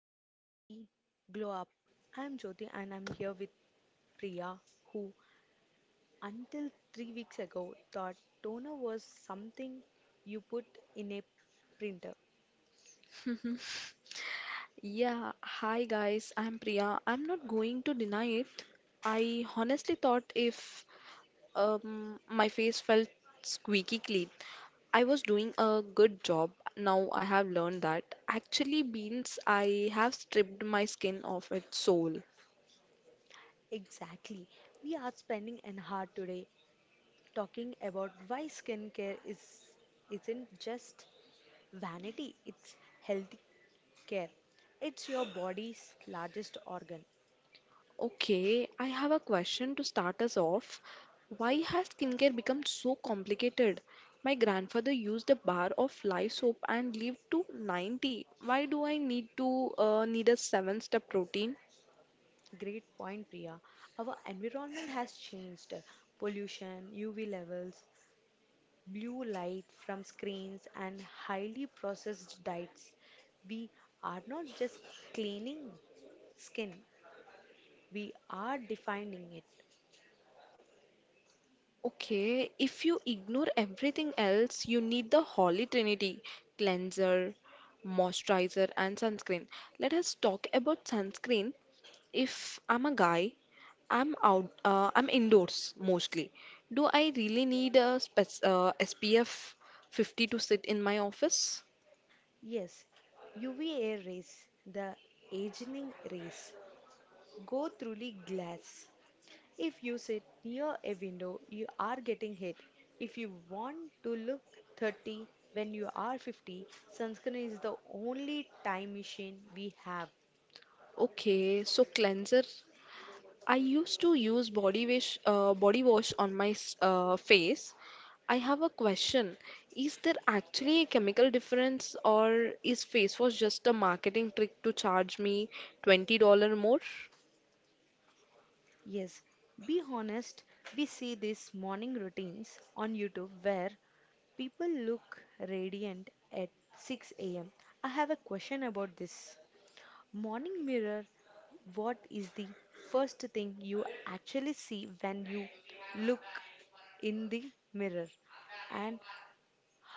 welcome to the Glow Up. I'm Jyoti and I'm here with Priya, who until 3 weeks ago thought toner was something you put in a printer. Mhm. Yeah, hi guys, I'm Priya. I'm not going to deny it. I honestly thought if my face felt squeaky clean, I was doing a good job. Now I have learned that actually means I have stripped my skin of its soul. Exactly. We are spending an hour today talking about why skincare is isn't just vanity, it's healthy care. It's your body's largest organ. Okay, I have a question to start us off. Why has skincare become so complicated? My grandfather used a bar of live soap and lived to 90. Why do I need a seven-step protein? Great point, Priya. Our environment has changed. Pollution, UV levels, blue light from screens, and highly processed diets, we are not just cleaning skin, we are defining it. Okay, if you ignore everything else, you need the Holy Trinity, cleanser, moisturizer, and sunscreen. Let us talk about sunscreen. If I'm a guy, I'm indoors mostly. Do I really need a SPF 50 to sit in my office? Yes, UVA rays, the aging rays, go through the glass. If you sit near a window, you are getting hit. If you want to look 30 when you are 50, sunscreen is the only time machine we have. Okay, so cleanser. I used to use body wash on my face. I have a question. Is there actually a chemical difference, or is face wash just a marketing trick to charge me $20 more? Yes, be honest. We see these morning routines on YouTube where people look radiant at 6 a.m. I have a question about this. Morning mirror, what is the first thing you actually see when you look in the mirror? And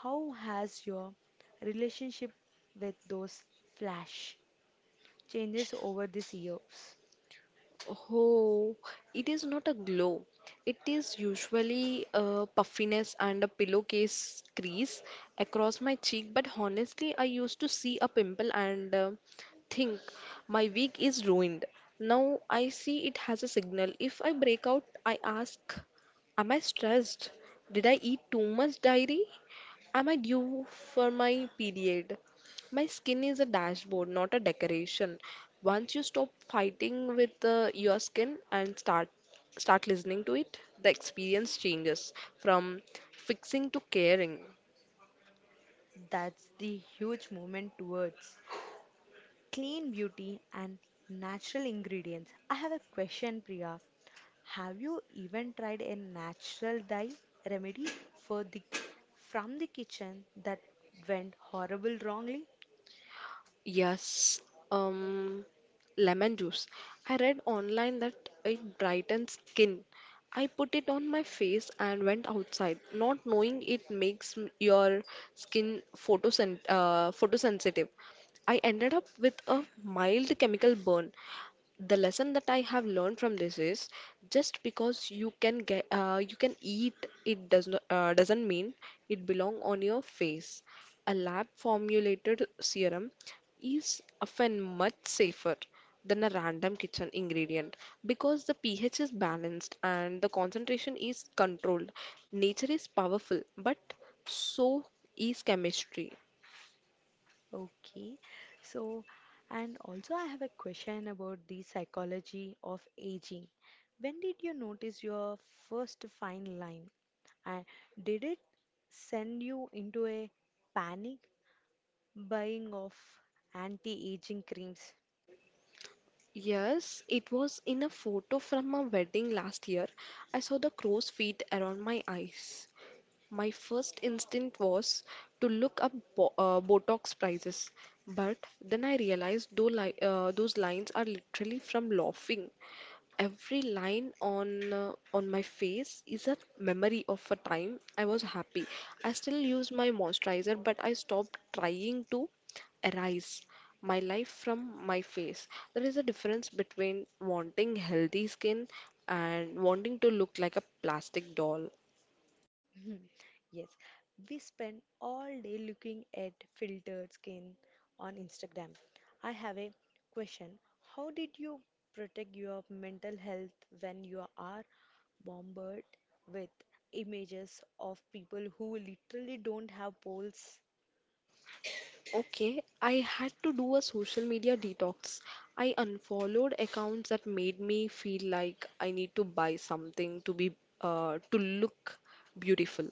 how has your relationship with those flash changes over these years? Oh, it is not a glow. It is usually a puffiness and a pillowcase crease across my cheek, but honestly, I used to see a pimple and think my week is ruined. Now I see it has a signal. If I break out, I ask, am I stressed? Did I eat too much dairy? Am I due for my period? My skin is a dashboard, not a decoration. Once you stop fighting with your skin and start listening to it, the experience changes from fixing to caring. That's the huge movement towards clean beauty and natural ingredients. I have a question, Priya. Have you even tried a natural dye remedy for the from the kitchen that went horrible wrongly? Yes, um, lemon juice. I read online that it brightens skin. I put it on my face and went outside, not knowing it makes your skin photosent photosensitive. I ended up with a mild chemical burn. The lesson that I have learned from this is, just because you can eat it doesn't mean it belong on your face. A lab formulated serum is often much safer than a random kitchen ingredient because the pH is balanced and the concentration is controlled. Nature is powerful, but so is chemistry. Okay. So, and also I have a question about the psychology of aging. When did you notice your first fine line? And did it send you into a panic buying of anti-aging creams? Yes, it was in a photo from my wedding last year. I saw the crow's feet around my eyes. My first instinct was to look up Botox prices, but then I realized though those lines are literally from laughing. Every line on my face is a memory of a time I was happy. I still use my moisturizer, but I stopped trying to erase my life from my face. There is a difference between wanting healthy skin and wanting to look like a plastic doll. Mhm. Yes, we spend all day looking at filtered skin on Instagram. I have a question. How did you protect your mental health when you are bombarded with images of people who literally don't have poles? Okay, I had to do a social media detox. I unfollowed accounts that made me feel like I need to buy something to be to look beautiful.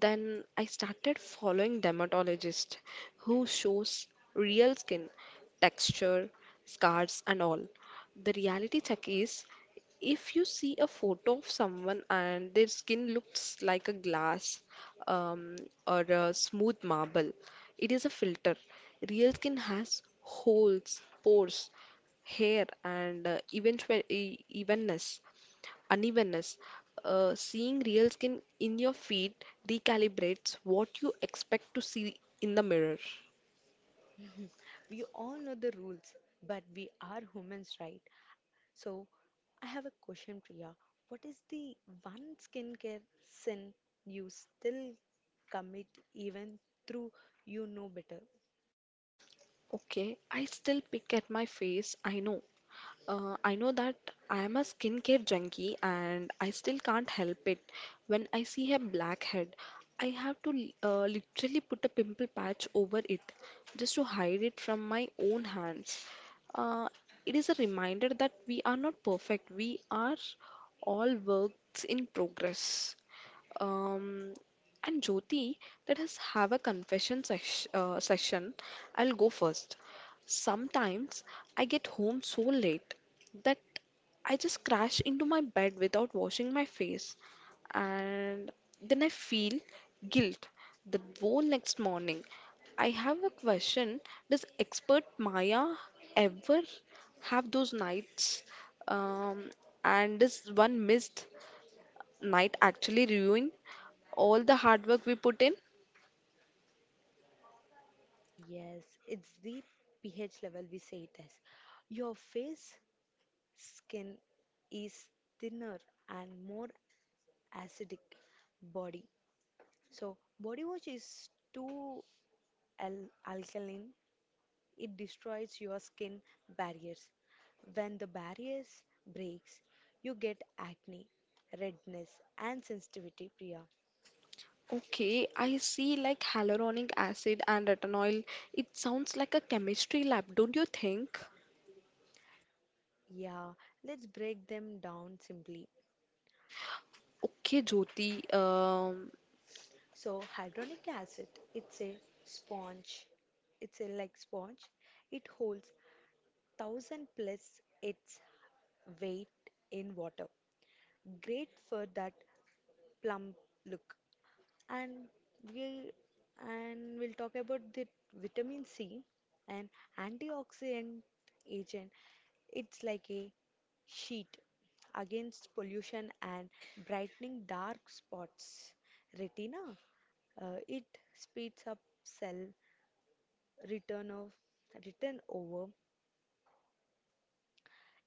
Then I started following dermatologists who shows real skin texture, scars and all. The reality check is, if you see a photo of someone and their skin looks like a glass, um, or a smooth marble, it is a filter. Real skin has holes, pores, hair, and even evenness unevenness. Seeing real skin in your feet recalibrates what you expect to see in the mirror. We all know the rules, but we are humans, right? So, I have a question, Priya. What is the one skincare sin you still commit even through you know better? Okay, I still pick at my face. I know. I know that I am a skincare junkie and I still can't help it. When I see a blackhead, I have to literally put a pimple patch over it just to hide it from my own hands. Uh, it is a reminder that we are not perfect, we are all works in progress. Um, and Jyoti, let us have a confession session. I'll go first. Sometimes I get home so late that I just crash into my bed without washing my face, and then I feel guilt the whole next morning. I have a question. Does expert Maya ever have those nights? Um, and is one missed night actually ruin all the hard work we put in? Yes, it's the pH level we say it as. Your face skin is thinner and more acidic body. So, body wash is too alkaline. It destroys your skin barriers. When the barriers breaks, you get acne, redness and sensitivity, Priya. Okay, I see like hyaluronic acid and retinol. It sounds like a chemistry lab, don't you think? Yeah, let's break them down simply. Okay, Jyoti. So hydronic acid, it's a sponge. It's a like sponge. It holds 1000 plus its weight in water. Great for that plump look. And we and we'll talk about the vitamin C, an antioxidant agent. It's like a sheet against pollution and brightening dark spots. Retina, it speeds up cell return of return over.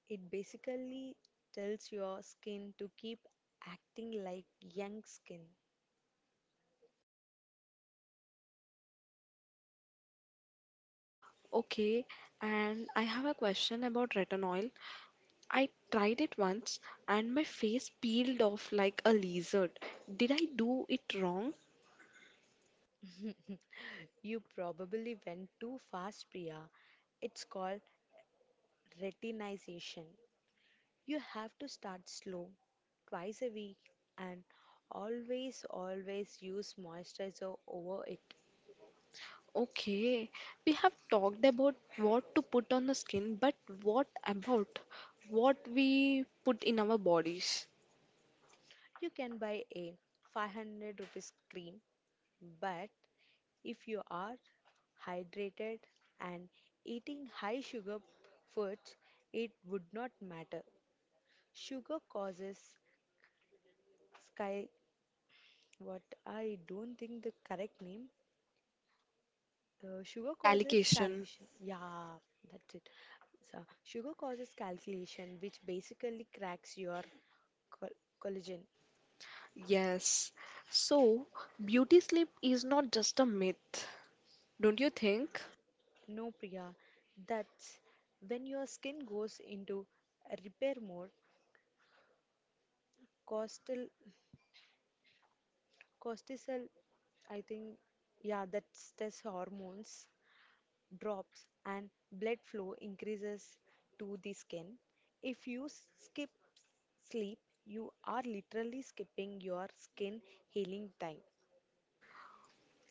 It basically tells your skin to keep acting like young skin. Okay, and I have a question about retinol. I tried it once and my face peeled off like a lizard. Did I do it wrong? You probably went too fast, Priya. It's called retinization. You have to start slow, twice a week, and always, always use moisturizer over it. Okay, we have talked about what to put on the skin, but what about what we put in our bodies? You can buy a 500 rupees cream, but if you are hydrated and eating high sugar foods, it would not matter. Sugar causes sky. What I don't think the correct name. Sugar causes Gallication, calculation. Yeah, that's it. So, sugar causes calculation, which basically cracks your col- collagen. yes. So, beauty sleep is not just a myth, don't you think? No, Priya, that's when your skin goes into a repair mode. Cortisol, cortisol, I think, yeah, that's hormones drops and blood flow increases to the skin. If you skip sleep, you are literally skipping your skin healing time.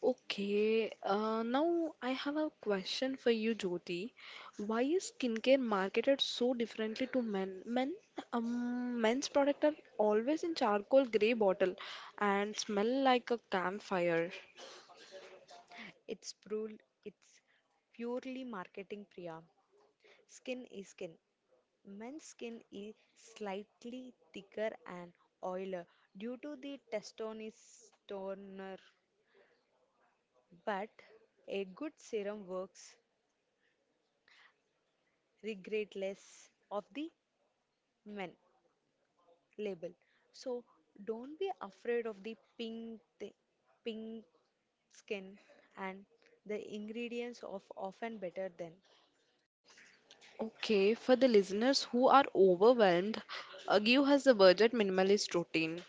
Okay, now I have a question for you, Jyoti. Why is skincare marketed so differently to men? Men's products are always in charcoal grey bottle and smell like a campfire. It's purely marketing, Priya. Skin is skin. Men's skin is slightly thicker and oilier due to the testosterone, but a good serum works regardless of the men label. So don't be afraid of the pink, pink skin, and the ingredients of often better than. Okay, for the listeners who are overwhelmed, Agyu has a budget minimalist routine.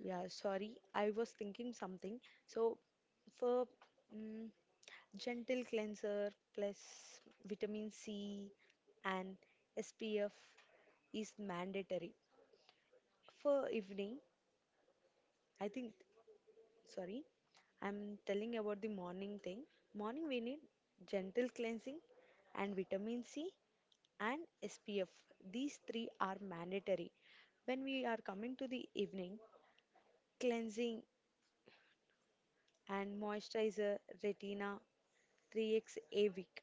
Yeah, sorry, I was thinking something. So for mm, gentle cleanser plus vitamin C and SPF is mandatory for evening. I think sorry, I'm telling about the morning thing. Morning we need gentle cleansing and vitamin C and SPF. These three are mandatory. When we are coming to the evening, cleansing and moisturizer, retina 3x a week.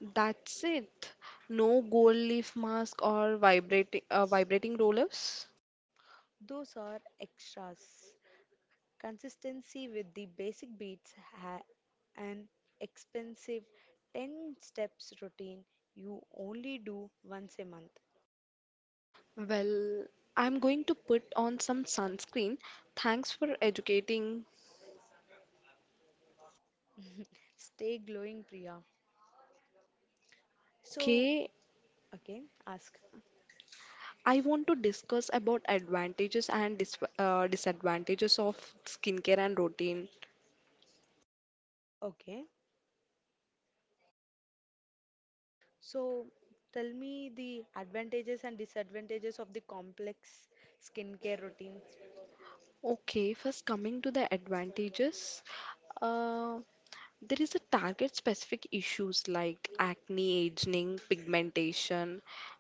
That's it. No gold leaf mask or vibrating rollers. Those are extras. Consistency with the basic beats ha- an expensive 10 steps routine you only do once a month. Well, I'm going to put on some sunscreen. Thanks for educating. Stay glowing, Priya. So, Okay, again, ask. I want to discuss about advantages and disadvantages of skincare and routine. Okay. So, tell me the advantages and disadvantages of the complex skincare routine. Okay, first coming to the advantages. Uh, There is a target specific issues like acne, aging, pigmentation,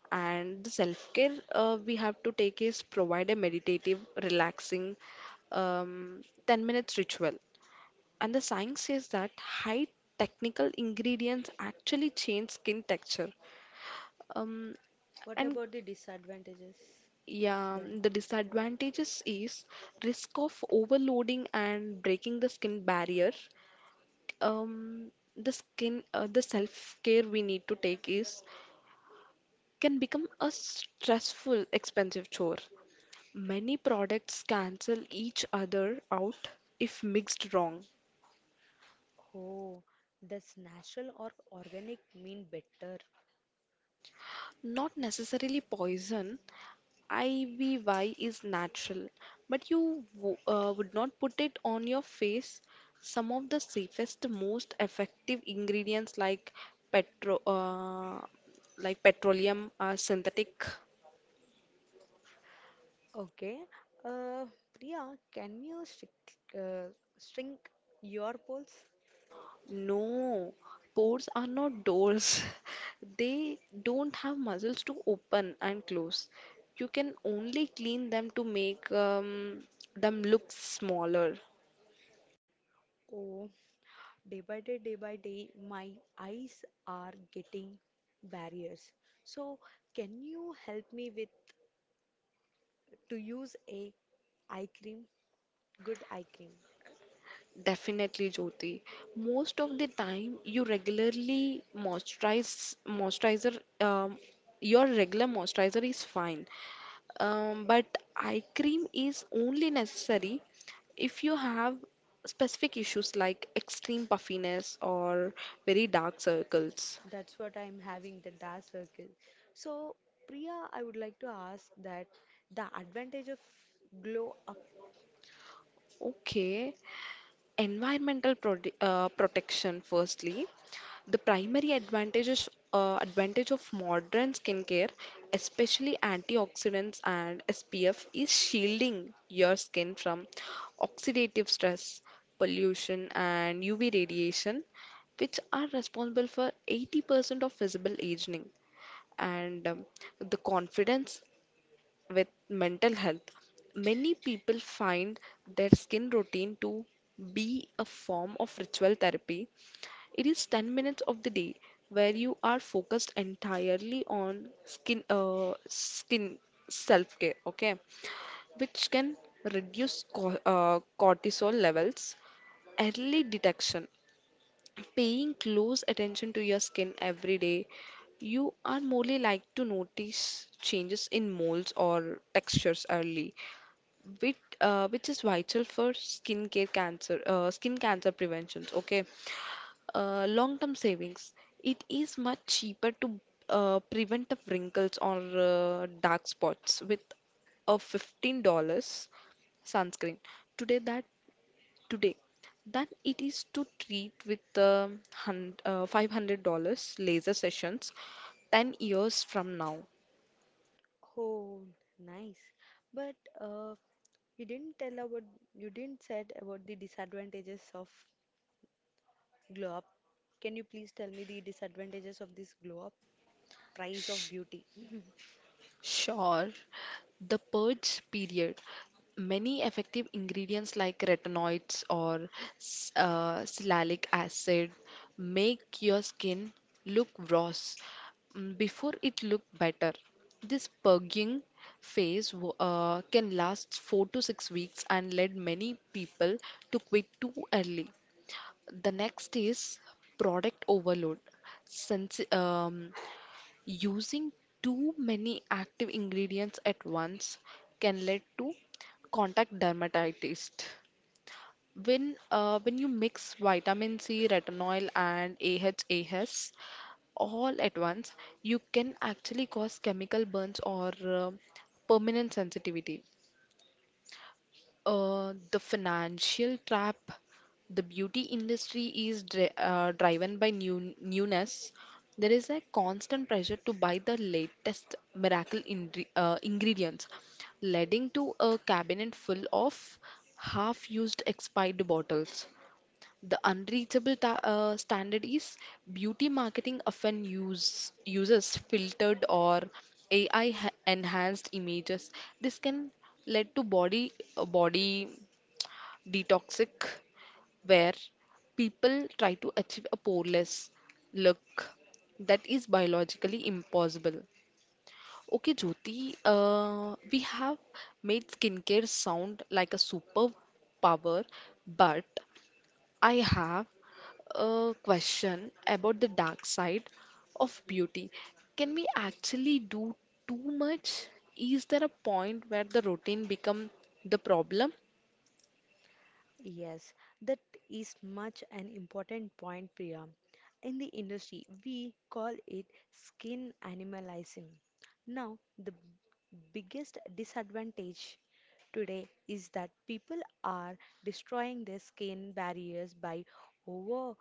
and the self care we have to take is provide a meditative, relaxing 10 minutes ritual. And the science says that high technical ingredients actually change skin texture. Um, What and about the disadvantages yeah, then? the disadvantages is risk of overloading and breaking the skin barrier. um, the self-care we need to take is can become a stressful, expensive chore. Many products cancel each other out if mixed wrong. Oh, does natural or organic mean better? Not necessarily poison. Ivy is natural, but you would not put it on your face. Some of the safest, most effective ingredients, petro uh, like petroleum, are synthetic. Okay. Uh, Priya, can you shrink your pulse? No, ports are not doors. They don't have muscles to open and close. You can only clean them to make them look smaller. Oh, day by day my eyes are getting barriers, so can you help me with to use a eye cream, good eye cream? Definitely, Jyoti. Most of the time, you regularly moisturizer. Your regular moisturizer is fine, but eye cream is only necessary if you have specific issues like extreme puffiness or very dark circles. That's what I'm having, the dark circle. So Priya, I would like to ask that the advantage of glow up. Okay, environmental protection firstly. The primary advantage of modern skincare, especially antioxidants and SPF, is shielding your skin from oxidative stress, pollution, and UV radiation, which are responsible for 80% of visible aging. And the confidence with mental health. Many people find their skin routine to be a form of ritual therapy. It is 10 minutes of the day where you are focused entirely on skin self-care, okay? Which can reduce cortisol levels. Early detection, paying close attention to your skin every day. You are more likely to notice changes in moles or textures early, which is vital for skin cancer prevention. Okay, long-term savings. It is much cheaper to prevent of wrinkles or dark spots with a $15 sunscreen today that today than it is to treat with $500 laser sessions 10 years from now. Oh nice, but you didn't tell about you didn't said about the disadvantages of glow up. Can you please tell me the disadvantages of this glow up, price of beauty? Sure. The purge period. Many effective ingredients like retinoids or salicylic acid make your skin look rose, before it look better. This purging phase can last 4 to 6 weeks and led many people to quit too early. The next is product overload. Since Using too many active ingredients at once can lead to contact dermatitis. When you mix vitamin C, retinol, and AHAs all at once, you can actually cause chemical burns or permanent sensitivity. The financial trap, the beauty industry is driven by newness. There is a constant pressure to buy the latest miracle ingredients, leading to a cabinet full of half-used expired bottles. The unreachable standard is, beauty marketing often uses filtered or AI enhanced images. This can lead to body detoxic where people try to achieve a poreless look that is biologically impossible. Okay, Jyoti, we have made skincare sound like a superpower, but I have a question about the dark side of beauty. Can we actually do too much? Is there a point where the routine become the problem? Yes, that is much an important point, Priya. In the industry, we call it skin animalizing. Now, the biggest disadvantage today is that people are destroying their skin barriers by over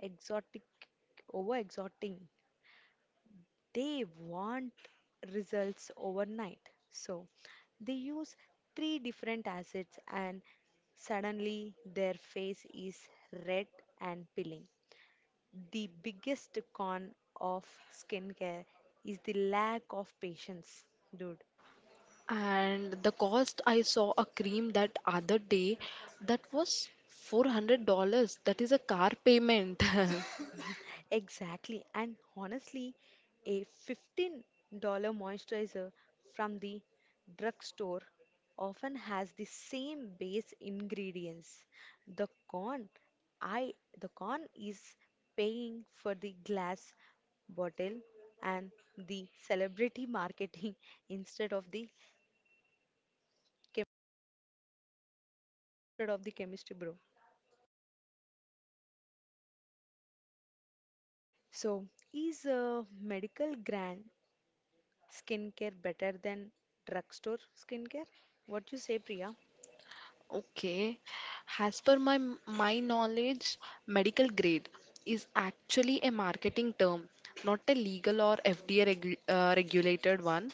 exotic over exoting. They want results overnight. So they use three different acids and suddenly their face is red and peeling. The biggest con of skincare is the lack of patience, dude. And the cost, I saw a cream that other day that was $400. That is a car payment. Exactly. And honestly, a $15 moisturizer from the drugstore often has the same base ingredients. The con I the con is paying for the glass bottle and the celebrity marketing instead of the chem- instead of the chemistry bro. So, is a medical grant skincare better than drugstore skincare? What you say, Priya? Okay. As per my knowledge, medical grade is actually a marketing term, not a legal or FDA regulated one.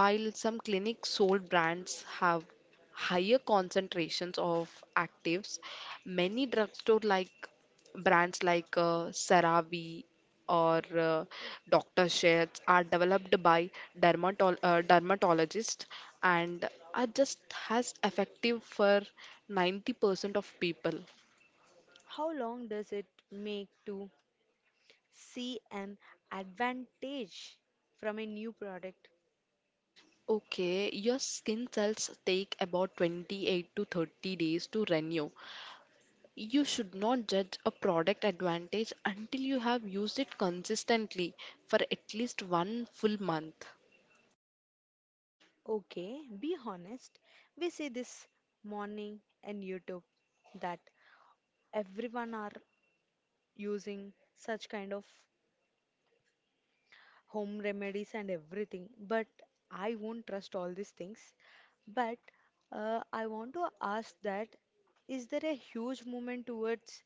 While some clinic sold brands have higher concentrations of actives, many drugstore like brands like CeraVe or Dr. Sheth's are developed by dermatologists, and are just as effective for 90% of people. How long does it make to see an advantage from a new product? Okay, your skin cells take about 28 to 30 days to renew. You should not judge a product advantage until you have used it consistently for at least one full month. Okay, be honest. We see this morning in YouTube that everyone are using such kind of home remedies and everything. But I won't trust all these things. But I want to ask that is there a huge movement towards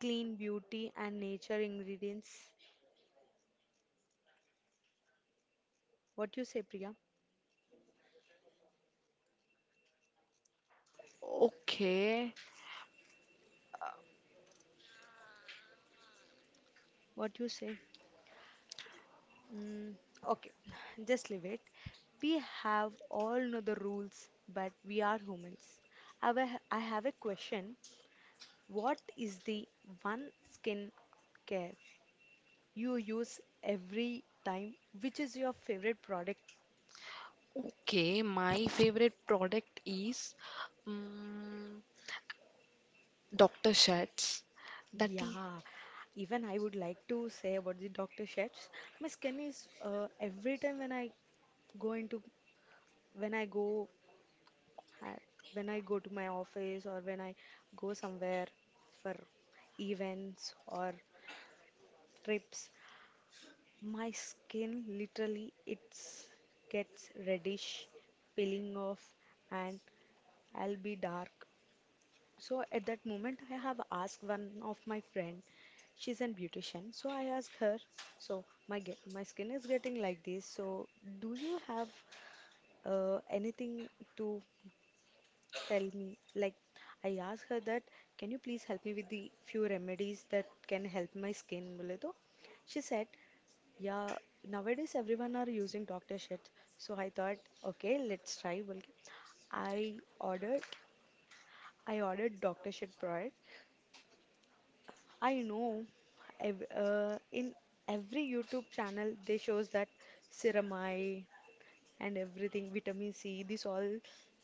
clean beauty and nature ingredients? What you say, Priya? Okay, What you say? Mm, okay, just leave it. We have all know the rules, but we are humans. I have a question. What is the one skin care you use every time, which is your favorite product? okay, my favorite product is um, Dr. Shats. That is Yeah, even I would like to say about the Dr. shets my skin is every time when I go into when I go ha- when I go to my office or when I go somewhere for events or trips, my skin literally it's gets reddish, peeling off, and I'll be dark. So at that moment, I have asked one of my friend. She's an beautician. So I asked her, so my my skin is getting like this. So do you have anything to tell me? Like I asked her that, can you please help me with the few remedies that can help my skin? बोले तो she said, yeah. Nowadays everyone are using doctor shit. So I thought, okay, let's try. बोल के I ordered I ordered doctor shit product. I know in every YouTube channel they shows that ceramide and everything, vitamin C, these all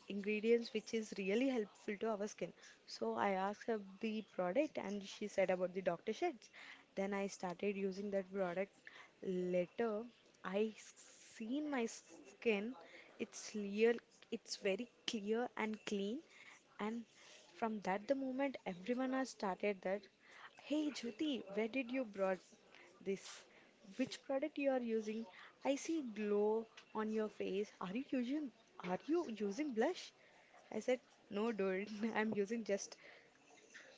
ingredients which is really helpful to our skin. So I asked her the product and she said about the doctor sheds. Then I started using that product. Later, I seen my skin. It's clear, it's very clear and clean. And from that the moment, everyone has started that. Hey Jyoti, where did you brought this? Which product you are using? I see glow on your face. Are you using, are you using blush? I said, no, dude, I'm using just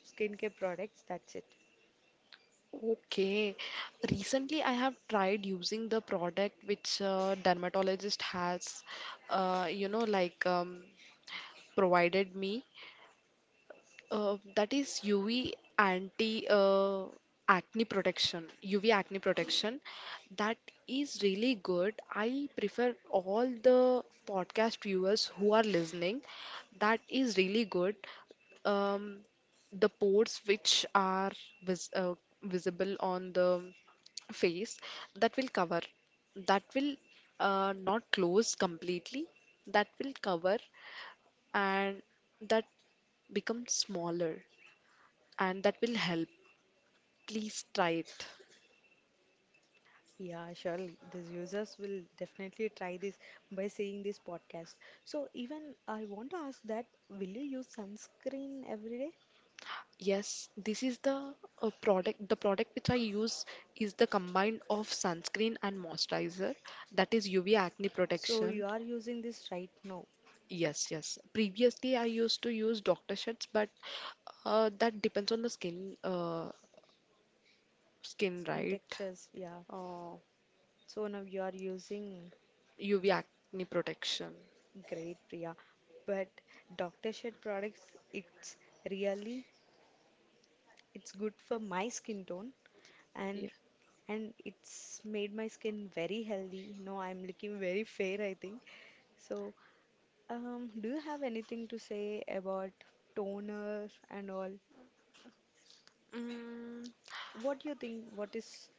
skincare products. That's it. okay. Recently, I have tried using the product which dermatologist has, like provided me. That is UV anti uh, acne protection, UV acne protection. That is really good. I prefer all the podcast viewers who are listening. That is really good. Um, the pores which are vis uh, visible on the face, that will cover. That will not close completely. That will cover and that becomes smaller and that will help. Please try it. Yeah, surely the users will definitely try this by seeing this podcast. So even I want to ask that will you use sunscreen every day? Yes, this is the product. The product which I use is the combined of sunscreen and moisturizer, that is UV acne So protection. you are using this right now. Yes, yes. Previously, I used to use Dr. Sheth's, but that depends on the skin, Skin right? textures, yeah. Uh, So now you are using. UV acne protection. Great, Priya. But Dr. Sheth products, it's really it's good for my skin tone and Yeah. and it's made my skin very healthy. No, I'm looking very fair, I think. So, do you have anything to say about toner and all? Mm, What do you think? What is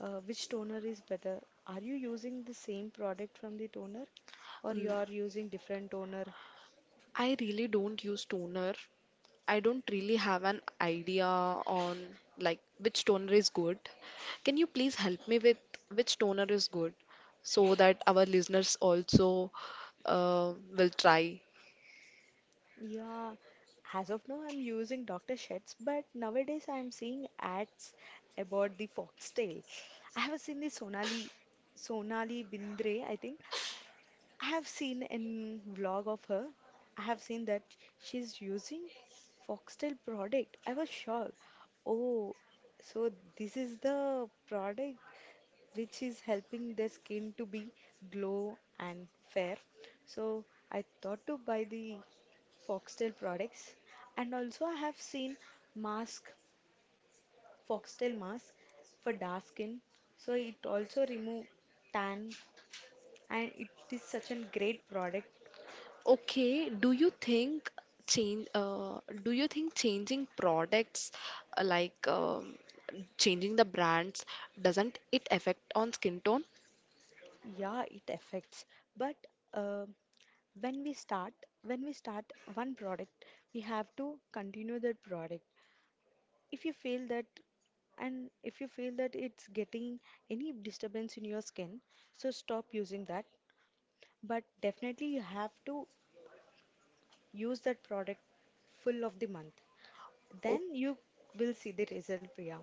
which toner is better? Are you using the same product from the toner, or mm, you are using different toner? I really don't use toner. I don't really have an idea on like which toner is good. Can you please help me with which toner is good so that our listeners also will try? Yeah, as of now, I'm using Dr. Sheth's, but nowadays I'm seeing ads about the foxtail. I have seen the Sonali Bindre, I think. I have seen in vlog of her. I have seen that she's using foxtail product. I was shocked. Oh, so this is the product which is helping their skin to be glow and fair. So I thought to buy the Foxtail products, and also I have seen mask, Foxtail mask for dark skin. So it also remove tan, and it is such a great product. Okay, do you think change do you think changing products like changing the brands, doesn't it affect on skin tone? Yeah, it affects. But uh, when we start, when we start one product, we have to continue that product. If you feel that, and if you feel that it's getting any disturbance in your skin, so stop using that. But definitely you have to use that product full of the month, then you will see the result, Priya.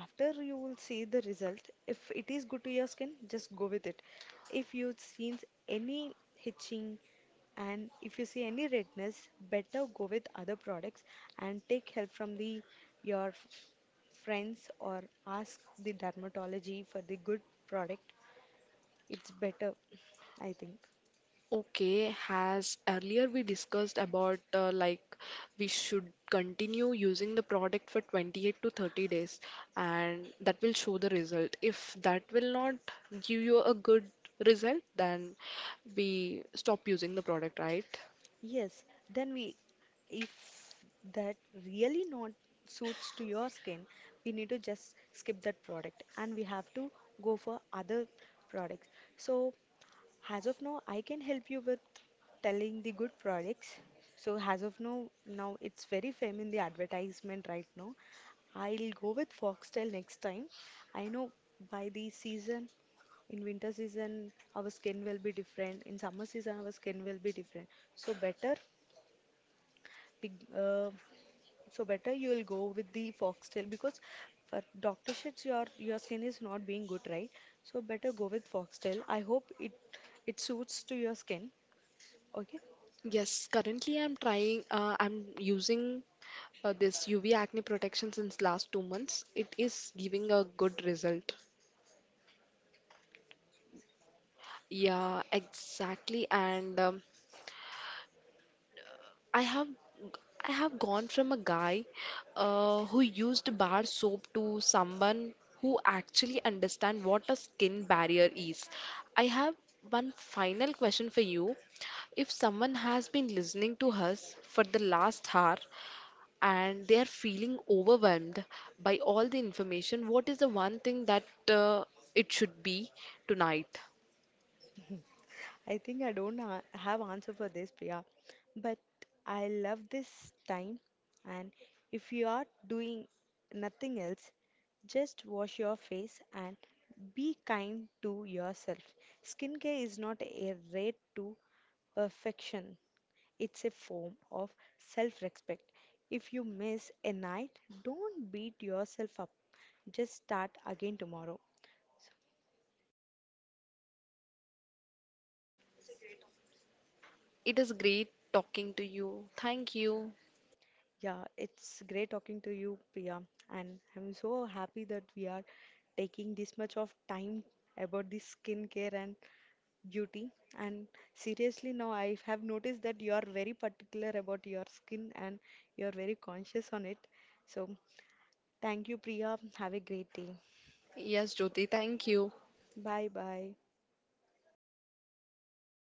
After you will see the result, if it is good to your skin, just go with it. If you see any hitching, and if you see any redness, better go with other products and take help from the your f- friends or ask the dermatology for the good product. It's better, I think. Okay, has earlier we discussed about like we should continue using the product for 28 to 30 days, and that will show the result. If that will not give you a good result, then we stop using the product, right? Yes, then we, if that really not suits to your skin, we need to just skip that product and we have to go for other products. So, as of now, I can help you with telling the good products. So, as of now, now it's very fame in the advertisement right now. I'll go with Foxtel next time. I know by the season, in winter season, our skin will be different. In summer season, our skin will be different. So better big, uh, so better you will go with the foxtail because for doctor shits your skin is not being good, right? So better go with foxtail. I hope it suits to your skin. Okay. Yes, currently I'm using this UV acne protection since last 2 months. It is giving a good result. Yeah, exactly. And I have I have gone from a guy who used bar soap to someone who actually understand what a skin barrier is. I have one final question for you. If someone has been listening to us for the last hour and they are feeling overwhelmed by all the information, what is the one thing that uh, it should be tonight? I think I don't ha have answer for this, Priya, but I love this time. And if you are doing nothing else, just wash your face and be kind to yourself. Skincare is not a rate to perfection. It's a form of self respect. If you miss a night, don't beat yourself up. Just start again tomorrow. It is great talking to you. Thank you. Yeah, it's great talking to you, Priya. And I'm so happy that we are taking this much of time about the skincare and beauty. And seriously, now I have noticed that you are very particular about your skin and you're very conscious on it. So thank you, Priya. Have a great day. Yes, Jyoti, thank you. Bye bye.